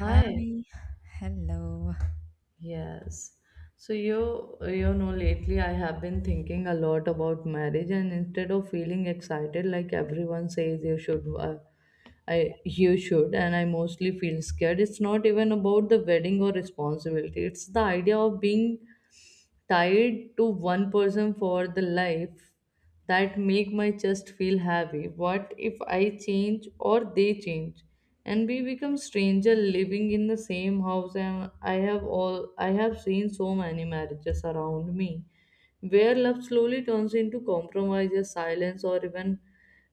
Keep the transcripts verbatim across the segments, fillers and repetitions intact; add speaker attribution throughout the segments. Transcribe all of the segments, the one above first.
Speaker 1: Hi,
Speaker 2: Hi, hello.
Speaker 1: yes. So you you know, lately I have been thinking a lot about marriage, and instead of feeling excited like everyone says you should, uh, I you should and I mostly feel scared. It's not even about the wedding or responsibility. It's the idea of being tied to one person for the life that make my chest feel heavy. What if I change or they change and we become stranger living in the same house, and i have all I have seen so many marriages around me where love slowly turns into compromises, silence, or even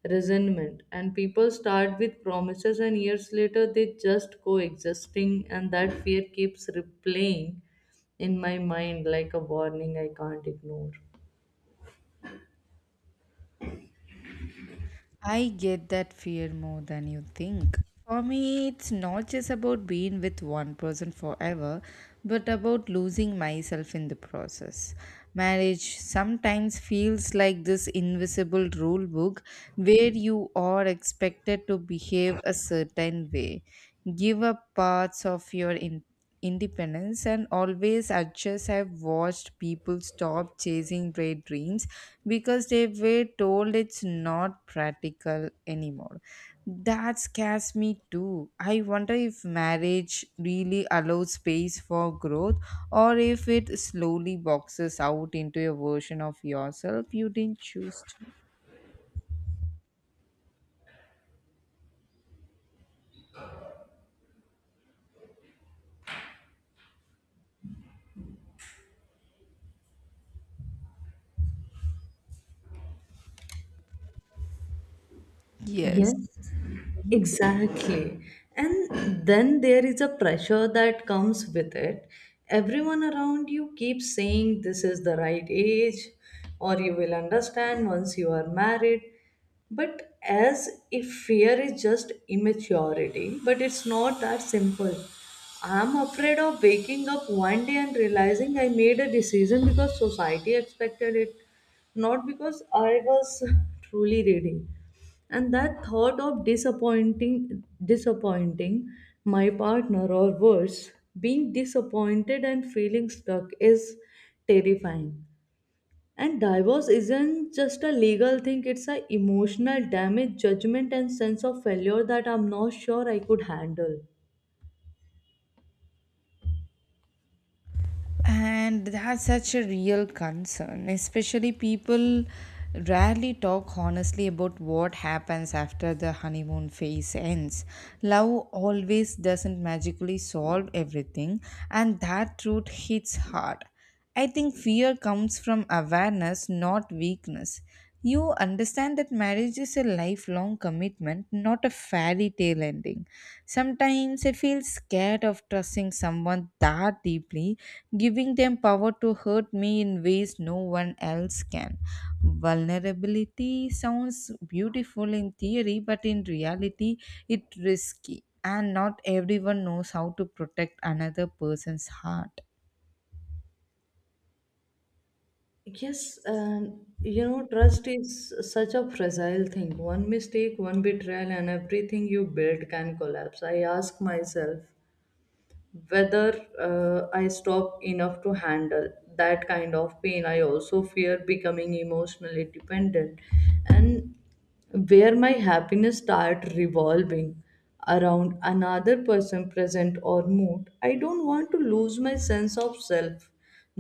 Speaker 1: resentment, and people start with promises and years later they just coexisting, and that fear keeps replaying in my mind like a warning I can't ignore.
Speaker 2: I get that fear more than you think. For me, it's not just about being with one person forever, but about losing myself in the process. Marriage sometimes feels like this invisible rule book where you are expected to behave a certain way, give up parts of your in- independence, and always adjust. I've watched people stop chasing their dreams because they were told it's not practical anymore. That scares me too. I wonder if marriage really allows space for growth or if it slowly boxes out into a version of yourself you didn't choose to. Yes.
Speaker 1: Yes, exactly. And then there is a pressure that comes with it. Everyone around you keeps saying this is the right age or you will understand once you are married. But as if fear is just immaturity, but it's not that simple. I'm afraid of waking up one day and realizing I made a decision because society expected it, not because I was truly ready, and that thought of disappointing disappointing my partner, or worse, being disappointed and feeling stuck is terrifying. And divorce isn't just a legal thing, it's a emotional damage, judgment, and sense of failure that I'm not sure I could handle.
Speaker 2: And that's such a real concern, especially people rarely talk honestly about what happens after the honeymoon phase ends. Love always doesn't magically solve everything, and that truth hits hard. I think fear comes from awareness, not weakness. You understand that marriage is a lifelong commitment, not a fairy tale ending. Sometimes I feel scared of trusting someone that deeply, giving them power to hurt me in ways no one else can. Vulnerability sounds beautiful in theory, but in reality, it's risky, and not everyone knows how to protect another person's heart.
Speaker 1: Yes, and you know, trust is such a fragile thing. One mistake, one betrayal, and everything you build can collapse. I ask myself whether uh, I stop enough to handle that kind of pain. I also fear becoming emotionally dependent, and where my happiness start revolving around another person present or mood. I don't want to lose my sense of self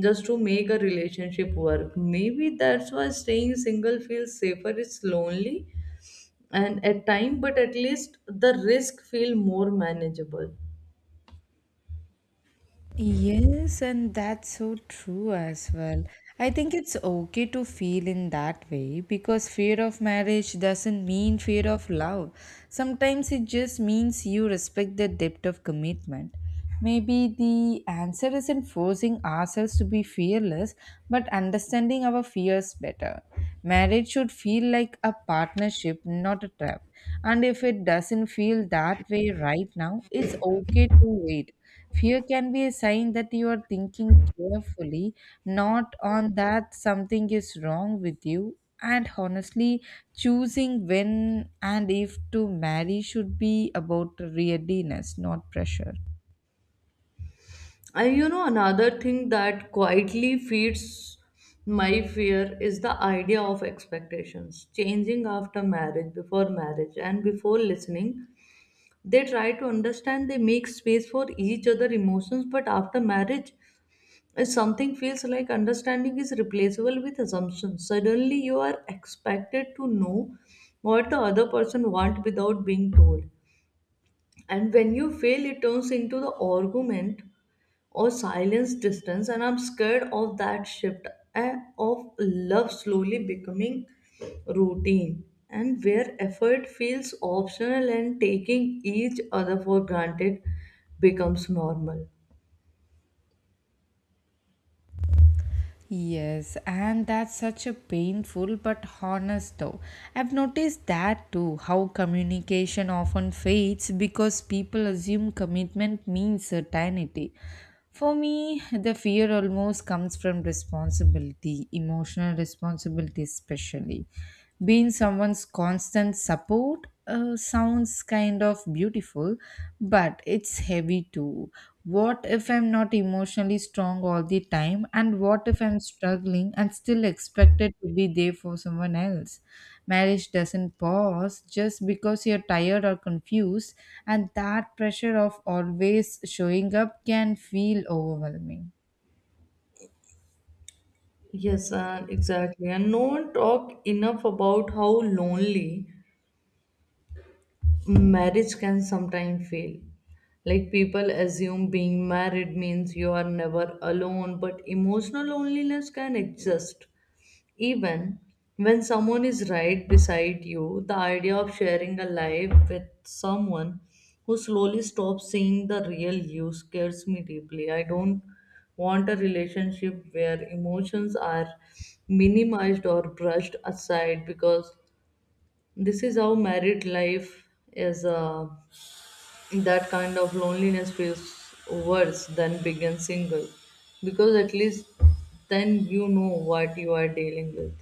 Speaker 1: just to make a relationship work. Maybe that's why staying single feels safer. It's lonely and at time but at least the risk feel more manageable.
Speaker 2: Yes, and that's so true as well. I think it's okay to feel in that way because fear of marriage doesn't mean fear of love. Sometimes it just means you respect the depth of commitment. Maybe the answer isn't forcing ourselves to be fearless, but understanding our fears better. Marriage should feel like a partnership, not a trap. And if it doesn't feel that way right now, it's okay to wait. Fear can be a sign that you are thinking carefully, not on that something is wrong with you. And honestly, choosing when and if to marry should be about readiness, not pressure.
Speaker 1: And you know, another thing that quietly feeds my fear is the idea of expectations changing after marriage, before marriage, and before listening. They try to understand, they make space for each other emotions, but after marriage, if something feels like understanding is replaceable with assumptions. Suddenly, you are expected to know what the other person wants without being told. And when you fail, it turns into the argument or silence distance, and I'm scared of that shift, and of love slowly becoming routine, and where effort feels optional and taking each other for granted becomes normal.
Speaker 2: Yes, and that's such a painful but honest though. I've noticed that too, how communication often fades because people assume commitment means certainty. For me, the fear almost comes from responsibility, emotional responsibility, especially. Being someone's constant support uh, sounds kind of beautiful, but it's heavy too. What if I'm not emotionally strong all the time? And what if I'm struggling and still expected to be there for someone else? Marriage doesn't pause just because you're tired or confused, and that pressure of always showing up can feel overwhelming.
Speaker 1: Yes, and exactly, and no one talk enough about how lonely marriage can sometimes feel. Like, people assume being married means you are never alone, but emotional loneliness can exist even when someone is right beside you. The idea of sharing a life with someone who slowly stops seeing the real you scares me deeply. I don't want a relationship where emotions are minimized or brushed aside because this is how married life is. Uh, that kind of loneliness feels worse than being single, because at least then you know what you are dealing with.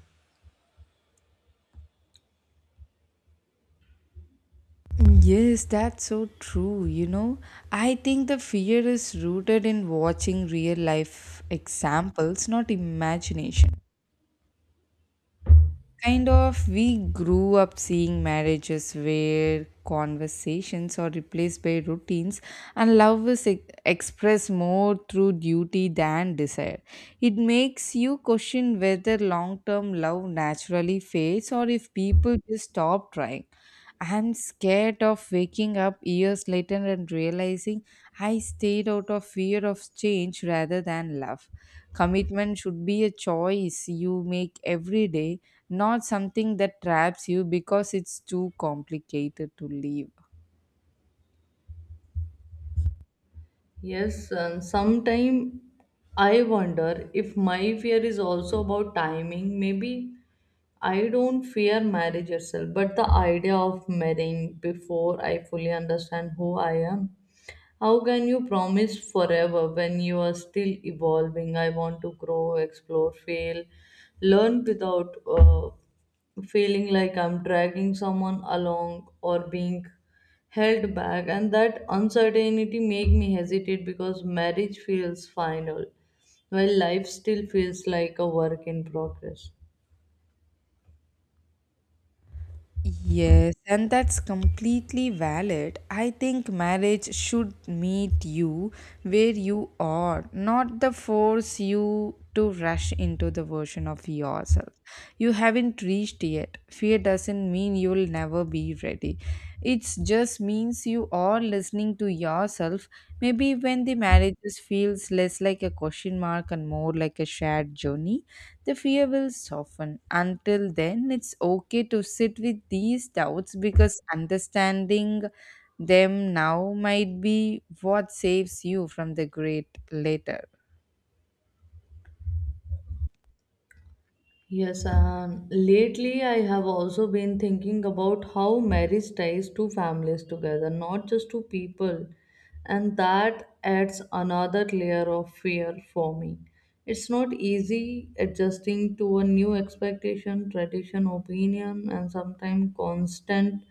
Speaker 2: Yes, that's so true. You know, I think the fear is rooted in watching real life examples, not imagination. Kind of, we grew up seeing marriages where conversations are replaced by routines and love is ex- expressed more through duty than desire. It makes you question whether long term love naturally fades or if people just stop trying. I'm scared of waking up years later and realizing I stayed out of fear of change rather than love. Commitment should be a choice you make every day, not something that traps you because it's too complicated to live.
Speaker 1: Yes, and sometime I wonder if my fear is also about timing. Maybe I don't fear marriage itself, but the idea of marrying before I fully understand who I am. How can you promise forever when you are still evolving? I want to grow, explore, fail, learn without uh, feeling like I'm dragging someone along or being held back. And that uncertainty make me hesitate because marriage feels final, while life still feels like a work in progress.
Speaker 2: Yes, and that's completely valid. I think marriage should meet you where you are, not the force you to rush into the version of yourself you haven't reached yet. Fear doesn't mean you'll never be ready. It just means you are listening to yourself. Maybe when the marriages feels less like a question mark and more like a shared journey, the fear will soften. Until then, it's okay to sit with these doubts because understanding them now might be what saves you from the great later.
Speaker 1: Yes, and lately I have also been thinking about how marriage ties two families together, not just two people. And that adds another layer of fear for me. It's not easy adjusting to a new expectation, tradition, opinion, and sometimes constant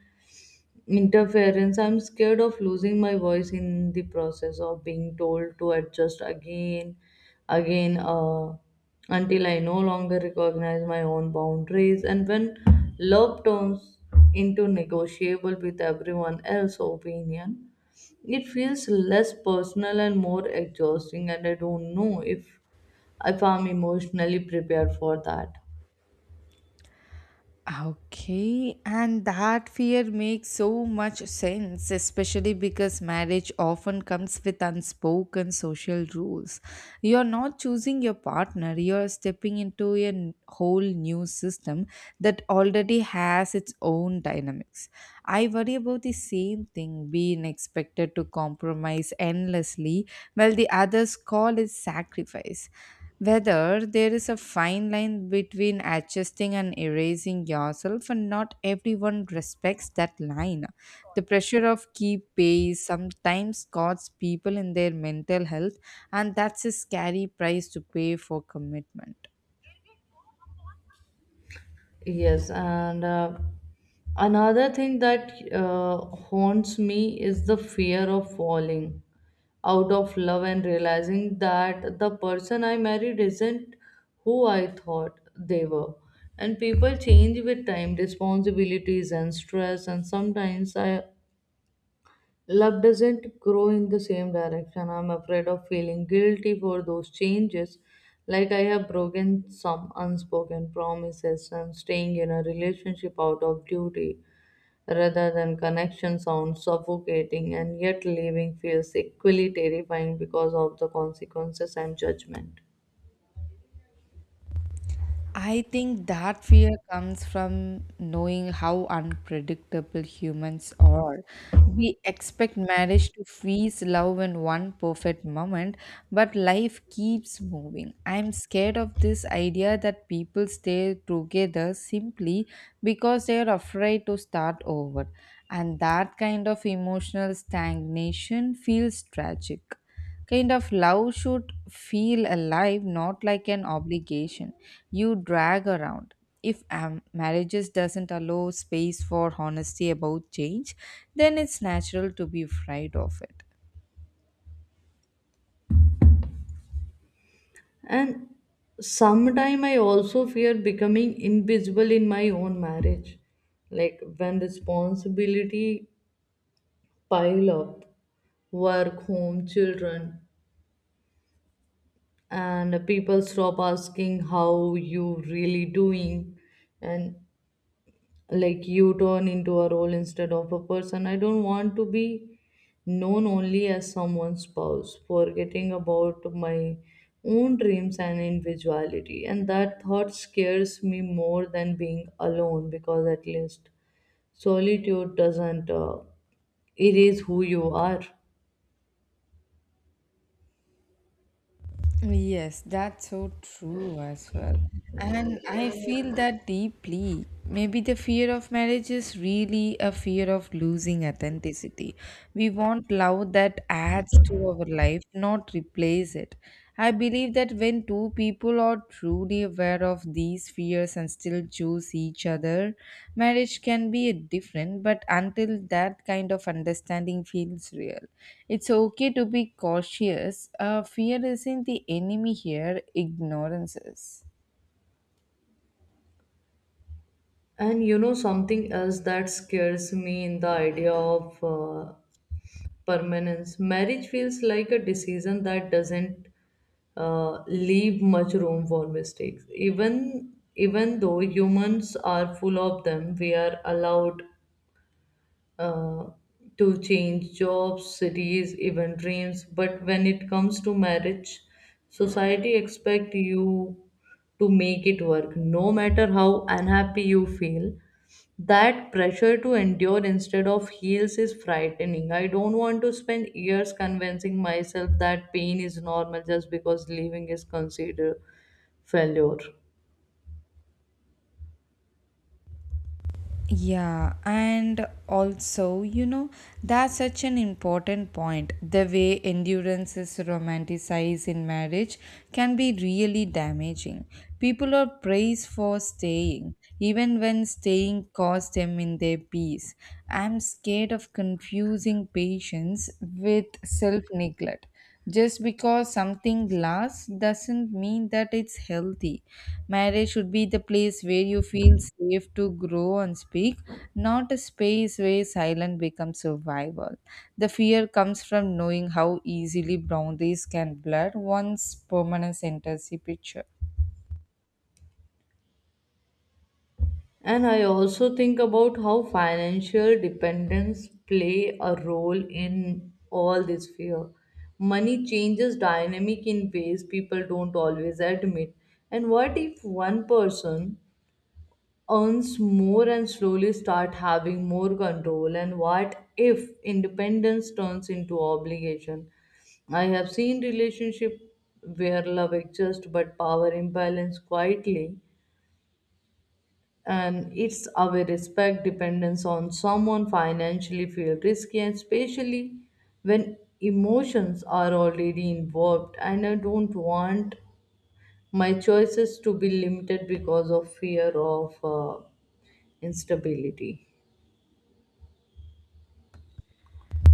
Speaker 1: interference. I'm scared of losing my voice in the process of being told to adjust again again uh, until I no longer recognize my own boundaries. And when love turns into negotiable with everyone else's opinion, it feels less personal and more exhausting, and I don't know if if I'm emotionally prepared for that.
Speaker 2: Okay, and that fear makes so much sense, especially because marriage often comes with unspoken social rules. You're not choosing your partner, you're stepping into a n- whole new system that already has its own dynamics. I worry about the same thing, being expected to compromise endlessly while the other's call is sacrifice. Whether there is a fine line between adjusting and erasing yourself, and not everyone respects that line. The pressure of keep pace sometimes costs people in their mental health, and that's a scary price to pay for commitment.
Speaker 1: Yes, and uh, another thing that uh, haunts me is the fear of falling out of love and realizing that the person I married isn't who I thought they were. And people change with time, responsibilities, and stress, and sometimes I love doesn't grow in the same direction. I'm afraid of feeling guilty for those changes, like I have broken some unspoken promises, and staying in a relationship out of duty rather than connection sounds suffocating, and yet leaving feels equally terrifying because of the consequences and judgment.
Speaker 2: I think that fear comes from knowing how unpredictable humans are. We expect marriage to freeze love in one perfect moment, but life keeps moving. I'm scared of this idea that people stay together simply because they are afraid to start over, and that kind of emotional stagnation feels tragic. Kind of love should feel alive, not like an obligation you drag around. If um, marriages doesn't allow space for honesty about change, then it's natural to be afraid of it.
Speaker 1: And sometime I also fear becoming invisible in my own marriage. Like when responsibility pile up, work, home, children, and people stop asking how you really doing, and like you turn into a role instead of a person. I don't want to be known only as someone's spouse, forgetting about my own dreams and individuality, and that thought scares me more than being alone, because at least solitude doesn't uh, erase who you are.
Speaker 2: Yes, that's so true as well. And I feel that deeply. Maybe the fear of marriage is really a fear of losing authenticity. We want love that adds to our life, not replace it. I believe that when two two people are truly aware of these fears and still choose each other, marriage can be different. But until that kind of understanding feels real, it's okay to be cautious. Uh, fear isn't the enemy here, ignorance is.
Speaker 1: And you know, something else that scares me in the idea of uh, permanence. Marriage feels like a decision that doesn't uh, leave much room for mistakes. Even even though humans are full of them, we are allowed uh, to change jobs, cities, even dreams. But when it comes to marriage, society expect you to make it work, no matter how unhappy you feel. That pressure to endure instead of heals is frightening. I don't want to spend years convincing myself that pain is normal just because living is considered failure.
Speaker 2: Yeah, and also, you know, that's such an important point. The way endurance is romanticized in marriage can be really damaging. People are praised for staying, even when staying costs them in their peace. I'm scared of confusing patience with self neglect. Just because something lasts doesn't mean that it's healthy. Marriage should be the place where you feel safe to grow and speak, not a space where silence becomes survival. The fear comes from knowing how easily boundaries can blur once permanence enters the picture.
Speaker 1: And I also think about how financial dependence play a role in all this fear. Money changes dynamic in ways people don't always admit. And what if one person earns more and slowly start having more control? And what if independence turns into obligation? I have seen relationship where love exists but power imbalance quietly, and it's our respect dependence on someone financially feel risky, and especially when emotions are already involved, and I don't want my choices to be limited because of fear of uh, instability.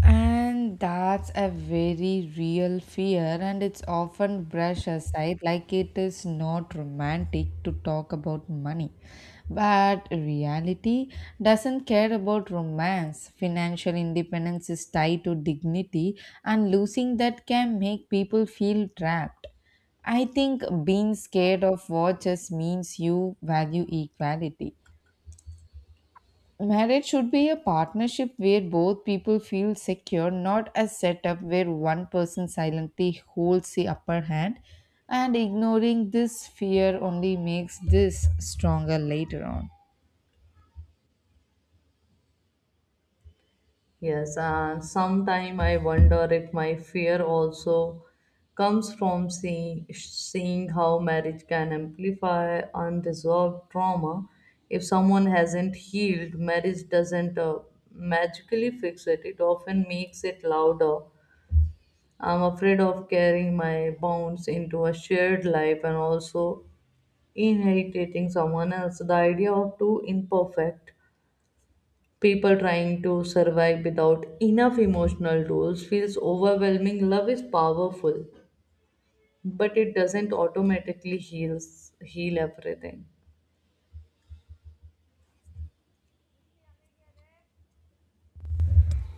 Speaker 2: And that's a very real fear, and it's often brushed aside like it is not romantic to talk about money. But reality doesn't care about romance. Financial independence is tied to dignity, and losing that can make people feel trapped. I think being scared of what just means you value equality. Marriage should be a partnership where both people feel secure, not a setup where one person silently holds the upper hand, and ignoring this fear only makes this stronger later on.
Speaker 1: Yes, and sometime I wonder if my fear also comes from seeing, seeing how marriage can amplify unresolved trauma. If someone hasn't healed, marriage doesn't uh, magically fix it, it often makes it louder. I'm afraid of carrying my wounds into a shared life, and also inheriting someone else. The idea of two imperfect people trying to survive without enough emotional tools feels overwhelming. Love is powerful, but it doesn't automatically heals heal everything.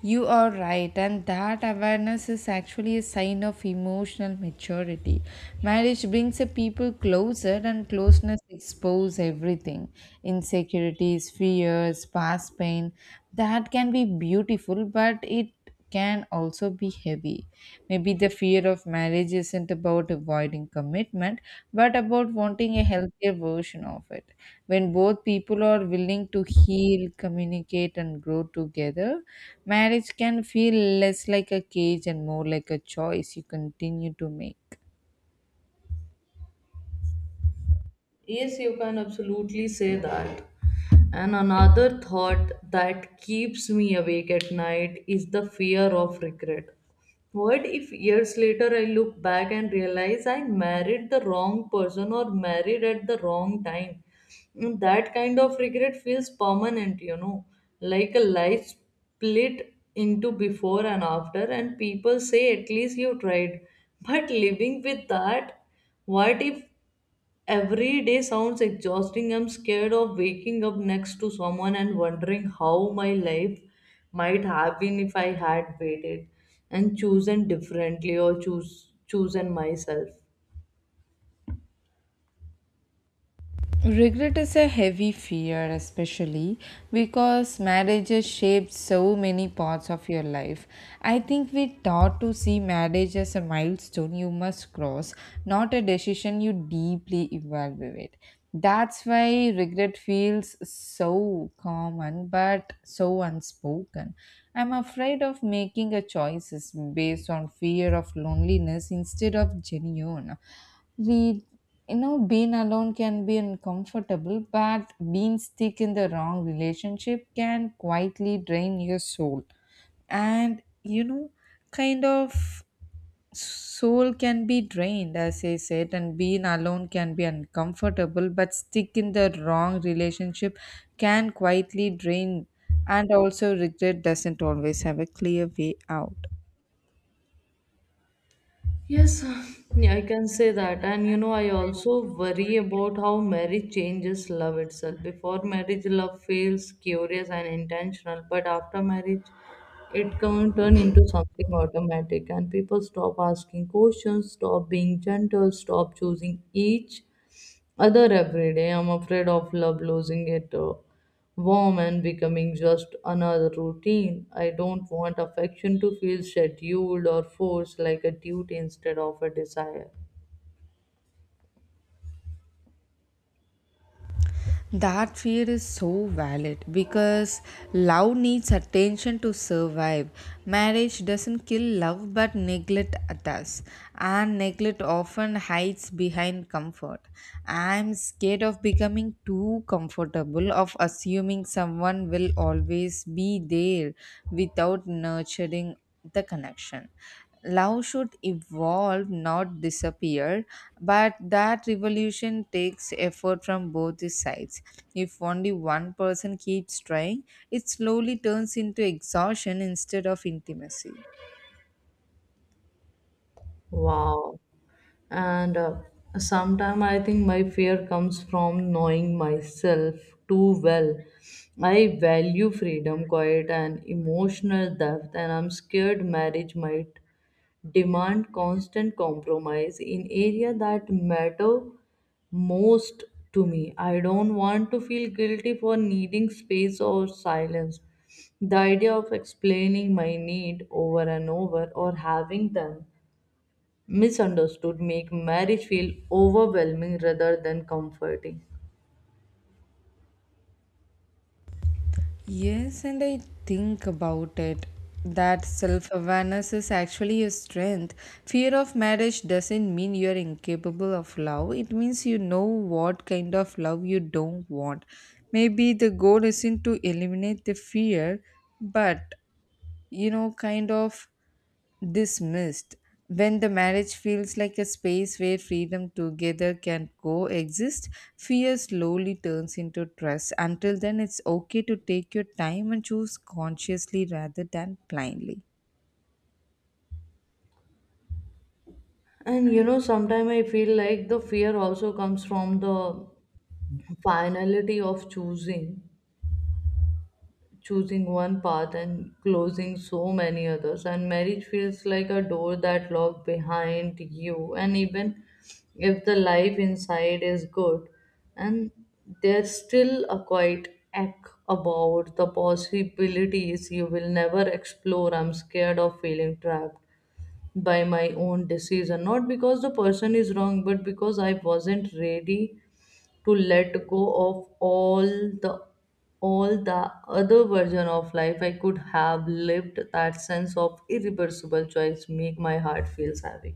Speaker 2: You are right, and that awareness is actually a sign of emotional maturity. Marriage brings a people closer, and closeness exposes everything: insecurities, fears, past pain. That can be beautiful, but it can also be heavy. Maybe the fear of marriage isn't about avoiding commitment, but about wanting a healthier version of it. When both people are willing to heal, communicate, and grow together, marriage can feel less like a cage and more like a choice you continue to make.
Speaker 1: Yes, you can absolutely say that. And another thought that keeps me awake at night is the fear of regret. What if years later I look back and realize I married the wrong person or married at the wrong time? Mm, that kind of regret feels permanent, you know, like a life split into before and after, and people say at least you tried. But living with that, what if every day sounds exhausting. I'm scared of waking up next to someone and wondering how my life might have been if I had waited and chosen differently, or choose chosen myself.
Speaker 2: Regret is a heavy fear, especially because marriages shape so many parts of your life. I think we taught to see marriage as a milestone you must cross, not a decision you deeply evaluate. That's why regret feels so common but so unspoken. I'm afraid of making a choices based on fear of loneliness instead of genuine Re- you know, being alone can be uncomfortable but being stuck in the wrong relationship can quietly drain your soul. And you know, kind of soul can be drained, as I said, and being alone can be uncomfortable but stuck in the wrong relationship can quietly drain. And also regret doesn't always have a clear way out.
Speaker 1: Yes, yeah, I can say that. And you know, I also worry about how marriage changes love itself. Before marriage, love feels curious and intentional, but after marriage, it can turn into something automatic, and people stop asking questions, stop being gentle, stop choosing each other every day. I'm afraid of love losing it uh, warm and becoming just another routine. I don't want affection to feel scheduled or forced, like a duty instead of a desire.
Speaker 2: That fear is so valid because love needs attention to survive. Marriage doesn't kill love but neglect it does, and neglect often hides behind comfort. I'm scared of becoming too comfortable, of assuming someone will always be there without nurturing the connection. Love should evolve, not disappear, but that revolution takes effort from both the sides. If only one person keeps trying, it slowly turns into exhaustion instead of intimacy.
Speaker 1: Wow. And uh, sometimes I think my fear comes from knowing myself too well. I value freedom, quiet, and emotional depth, and I'm scared marriage might demand constant compromise in area that matter most to me. I don't want to feel guilty for needing space or silence. The idea of explaining my need over and over, or having them misunderstood, make marriage feel overwhelming rather than comforting.
Speaker 2: Yes, and I think about it. That self awareness is actually a strength. Fear of marriage doesn't mean you're incapable of love, it means you know what kind of love you don't want. Maybe the goal isn't to eliminate the fear, but you know, kind of dismissed. When the marriage feels like a space where freedom together can coexist, fear slowly turns into trust. Until then, it's okay to take your time and choose consciously rather than blindly.
Speaker 1: And you know, sometimes I feel like the fear also comes from the finality of choosing choosing one path and closing so many others, and marriage feels like a door that locked behind you. And even if the life inside is good, and there's still a quiet ache about the possibilities you will never explore. I'm scared of feeling trapped by my own decision, not because the person is wrong, but because I wasn't ready to let go of all the all the other version of life I could have lived. That sense of irreversible choice make my heart feels heavy.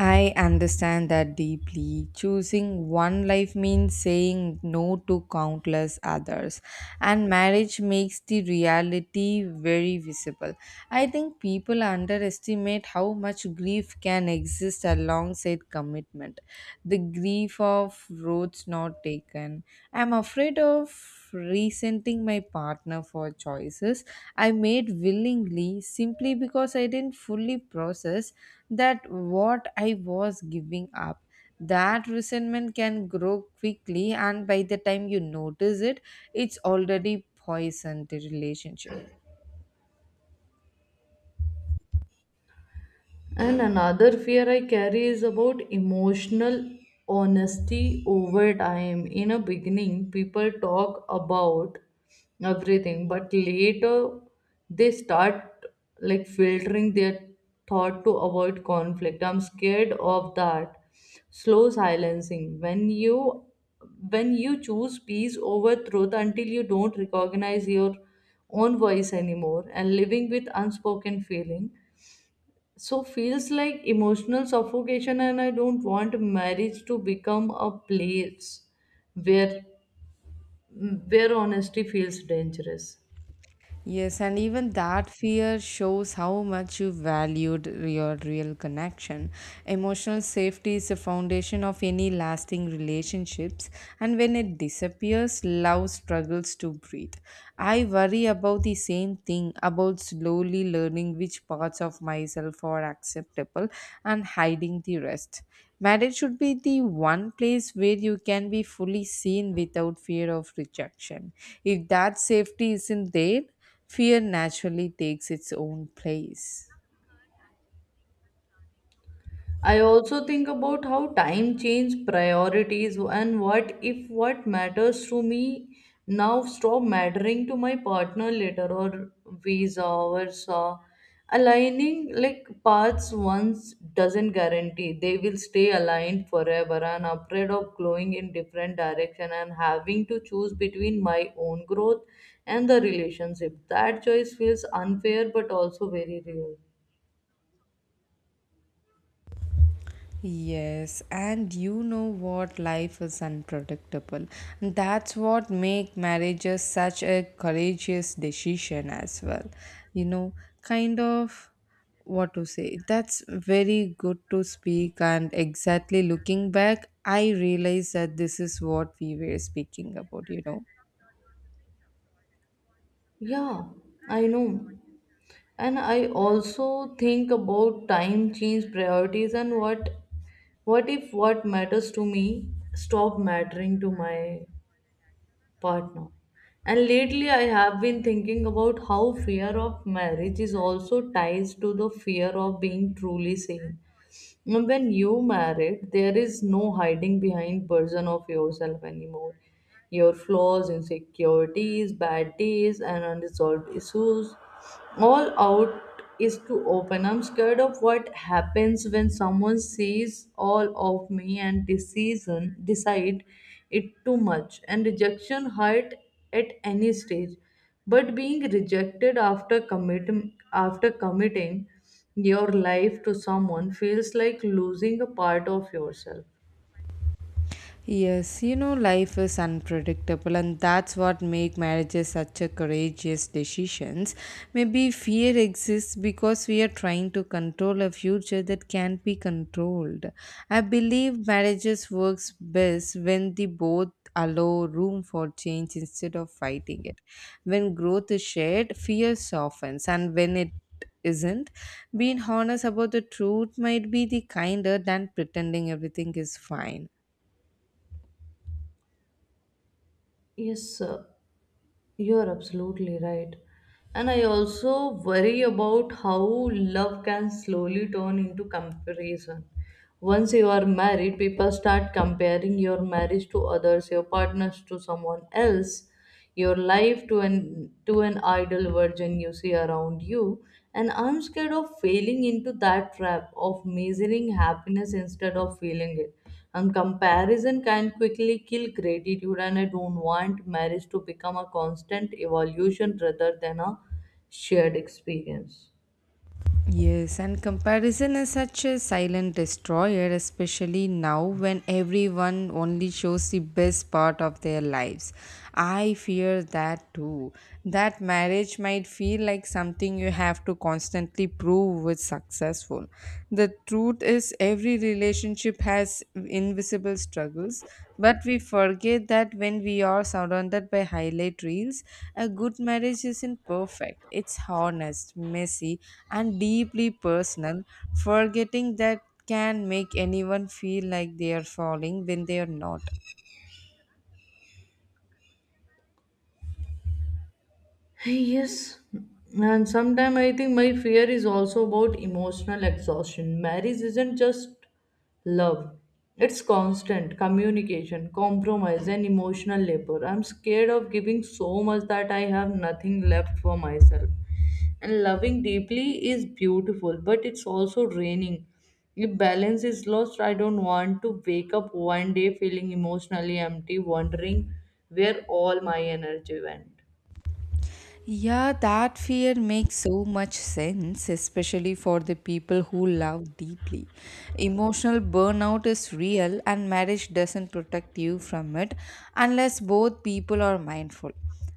Speaker 2: I understand that deeply. Choosing one life means saying no to countless others, and marriage makes the reality very visible. I think people underestimate how much grief can exist alongside commitment. The grief of roads not taken. I'm afraid of resenting my partner for choices I made willingly simply because I didn't fully process that what I was giving up. That resentment can grow quickly, and by the time you notice it, it's already poisoned the relationship.
Speaker 1: And another fear I carry is about emotional honesty over time. In a beginning, people talk about everything, but later they start like filtering their thought to avoid conflict. I'm scared of that slow silencing. When you when you choose peace over truth until you don't recognize your own voice anymore, and living with unspoken feeling so feels like emotional suffocation, and I don't want marriage to become a place where where honesty feels dangerous.
Speaker 2: Yes, and even that fear shows how much you valued your real connection. Emotional safety is the foundation of any lasting relationships, and when it disappears, love struggles to breathe. I worry about the same thing, about slowly learning which parts of myself are acceptable and hiding the rest. Marriage should be the one place where you can be fully seen without fear of rejection. If that safety isn't there, fear naturally takes its own place.
Speaker 1: I also think about how time changes priorities, and what if what matters to me now stop mattering to my partner later, or visa or so. Aligning like paths once doesn't guarantee they will stay aligned forever, and afraid of going in different direction and having to choose between my own growth and the relationship. That choice feels unfair but also very real.
Speaker 2: Yes, and you know what, life is unpredictable. And that's what make marriages such a courageous decision as well. You know, kind of what to say. That's very good to speak, and exactly looking back I realize that this is what we were speaking about, you know.
Speaker 1: Yeah, I know. And I also think about time change priorities and what what if what matters to me stop mattering to my partner. And lately I have been thinking about how fear of marriage is also ties to the fear of being truly seen. When you married there is no hiding behind version of yourself anymore, your flaws, insecurities, bad days, and unresolved issues. All out is too open. I'm scared of what happens when someone sees all of me and decision decide it too much. And rejection hurt at any stage, but being rejected after committing after committing your life to someone feels like losing a part of yourself.
Speaker 2: Yes, you know, life is unpredictable, and that's what make marriages such a courageous decisions. Maybe fear exists because we are trying to control a future that can't be controlled. I believe marriages works best when they both allow room for change instead of fighting it. When growth is shared, fear softens, and when it isn't, being honest about the truth might be the kinder than pretending everything is fine.
Speaker 1: Yes, sir. You're absolutely right. And I also worry about how love can slowly turn into comparison. Once you are married, people start comparing your marriage to others, your partners to someone else, your life to an to an idle virgin you see around you. And I'm scared of failing into that trap of measuring happiness instead of feeling it. And comparison can quickly kill gratitude, and I don't want marriage to become a constant evolution rather than a shared experience.
Speaker 2: Yes, and comparison is such a silent destroyer, especially now when everyone only shows the best part of their lives. I fear that too. That marriage might feel like something you have to constantly prove was successful. The truth is, every relationship has invisible struggles, but we forget that when we are surrounded by highlight reels. A good marriage isn't perfect. It's honest, messy, and deeply personal, forgetting that can make anyone feel like they are falling when they are not.
Speaker 1: Yes, and sometimes I think my fear is also about emotional exhaustion. Marriage isn't just love, it's constant communication, compromise, and emotional labor. I'm scared of giving so much that I have nothing left for myself. And loving deeply is beautiful, but it's also draining. If balance is lost, I don't want to wake up one day feeling emotionally empty, wondering where all my energy went.
Speaker 2: Yeah, that fear makes so much sense, especially for the people who love deeply. Emotional burnout is real, and marriage doesn't protect you from it unless both people are mindful.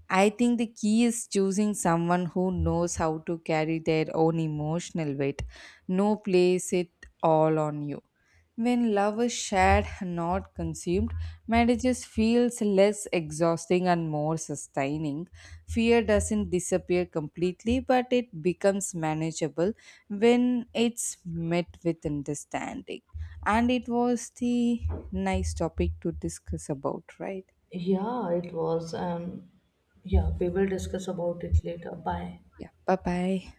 Speaker 2: I think the key is choosing someone who knows how to carry their own emotional weight. No place it all on you. When love is shared, not consumed, marriages feels less exhausting and more sustaining. Fear doesn't disappear completely, but it becomes manageable when it's met with understanding. And it was the nice topic to discuss about, right?
Speaker 1: Yeah, it was. Um, yeah, we will discuss about it later. Bye.
Speaker 2: Yeah. Bye bye.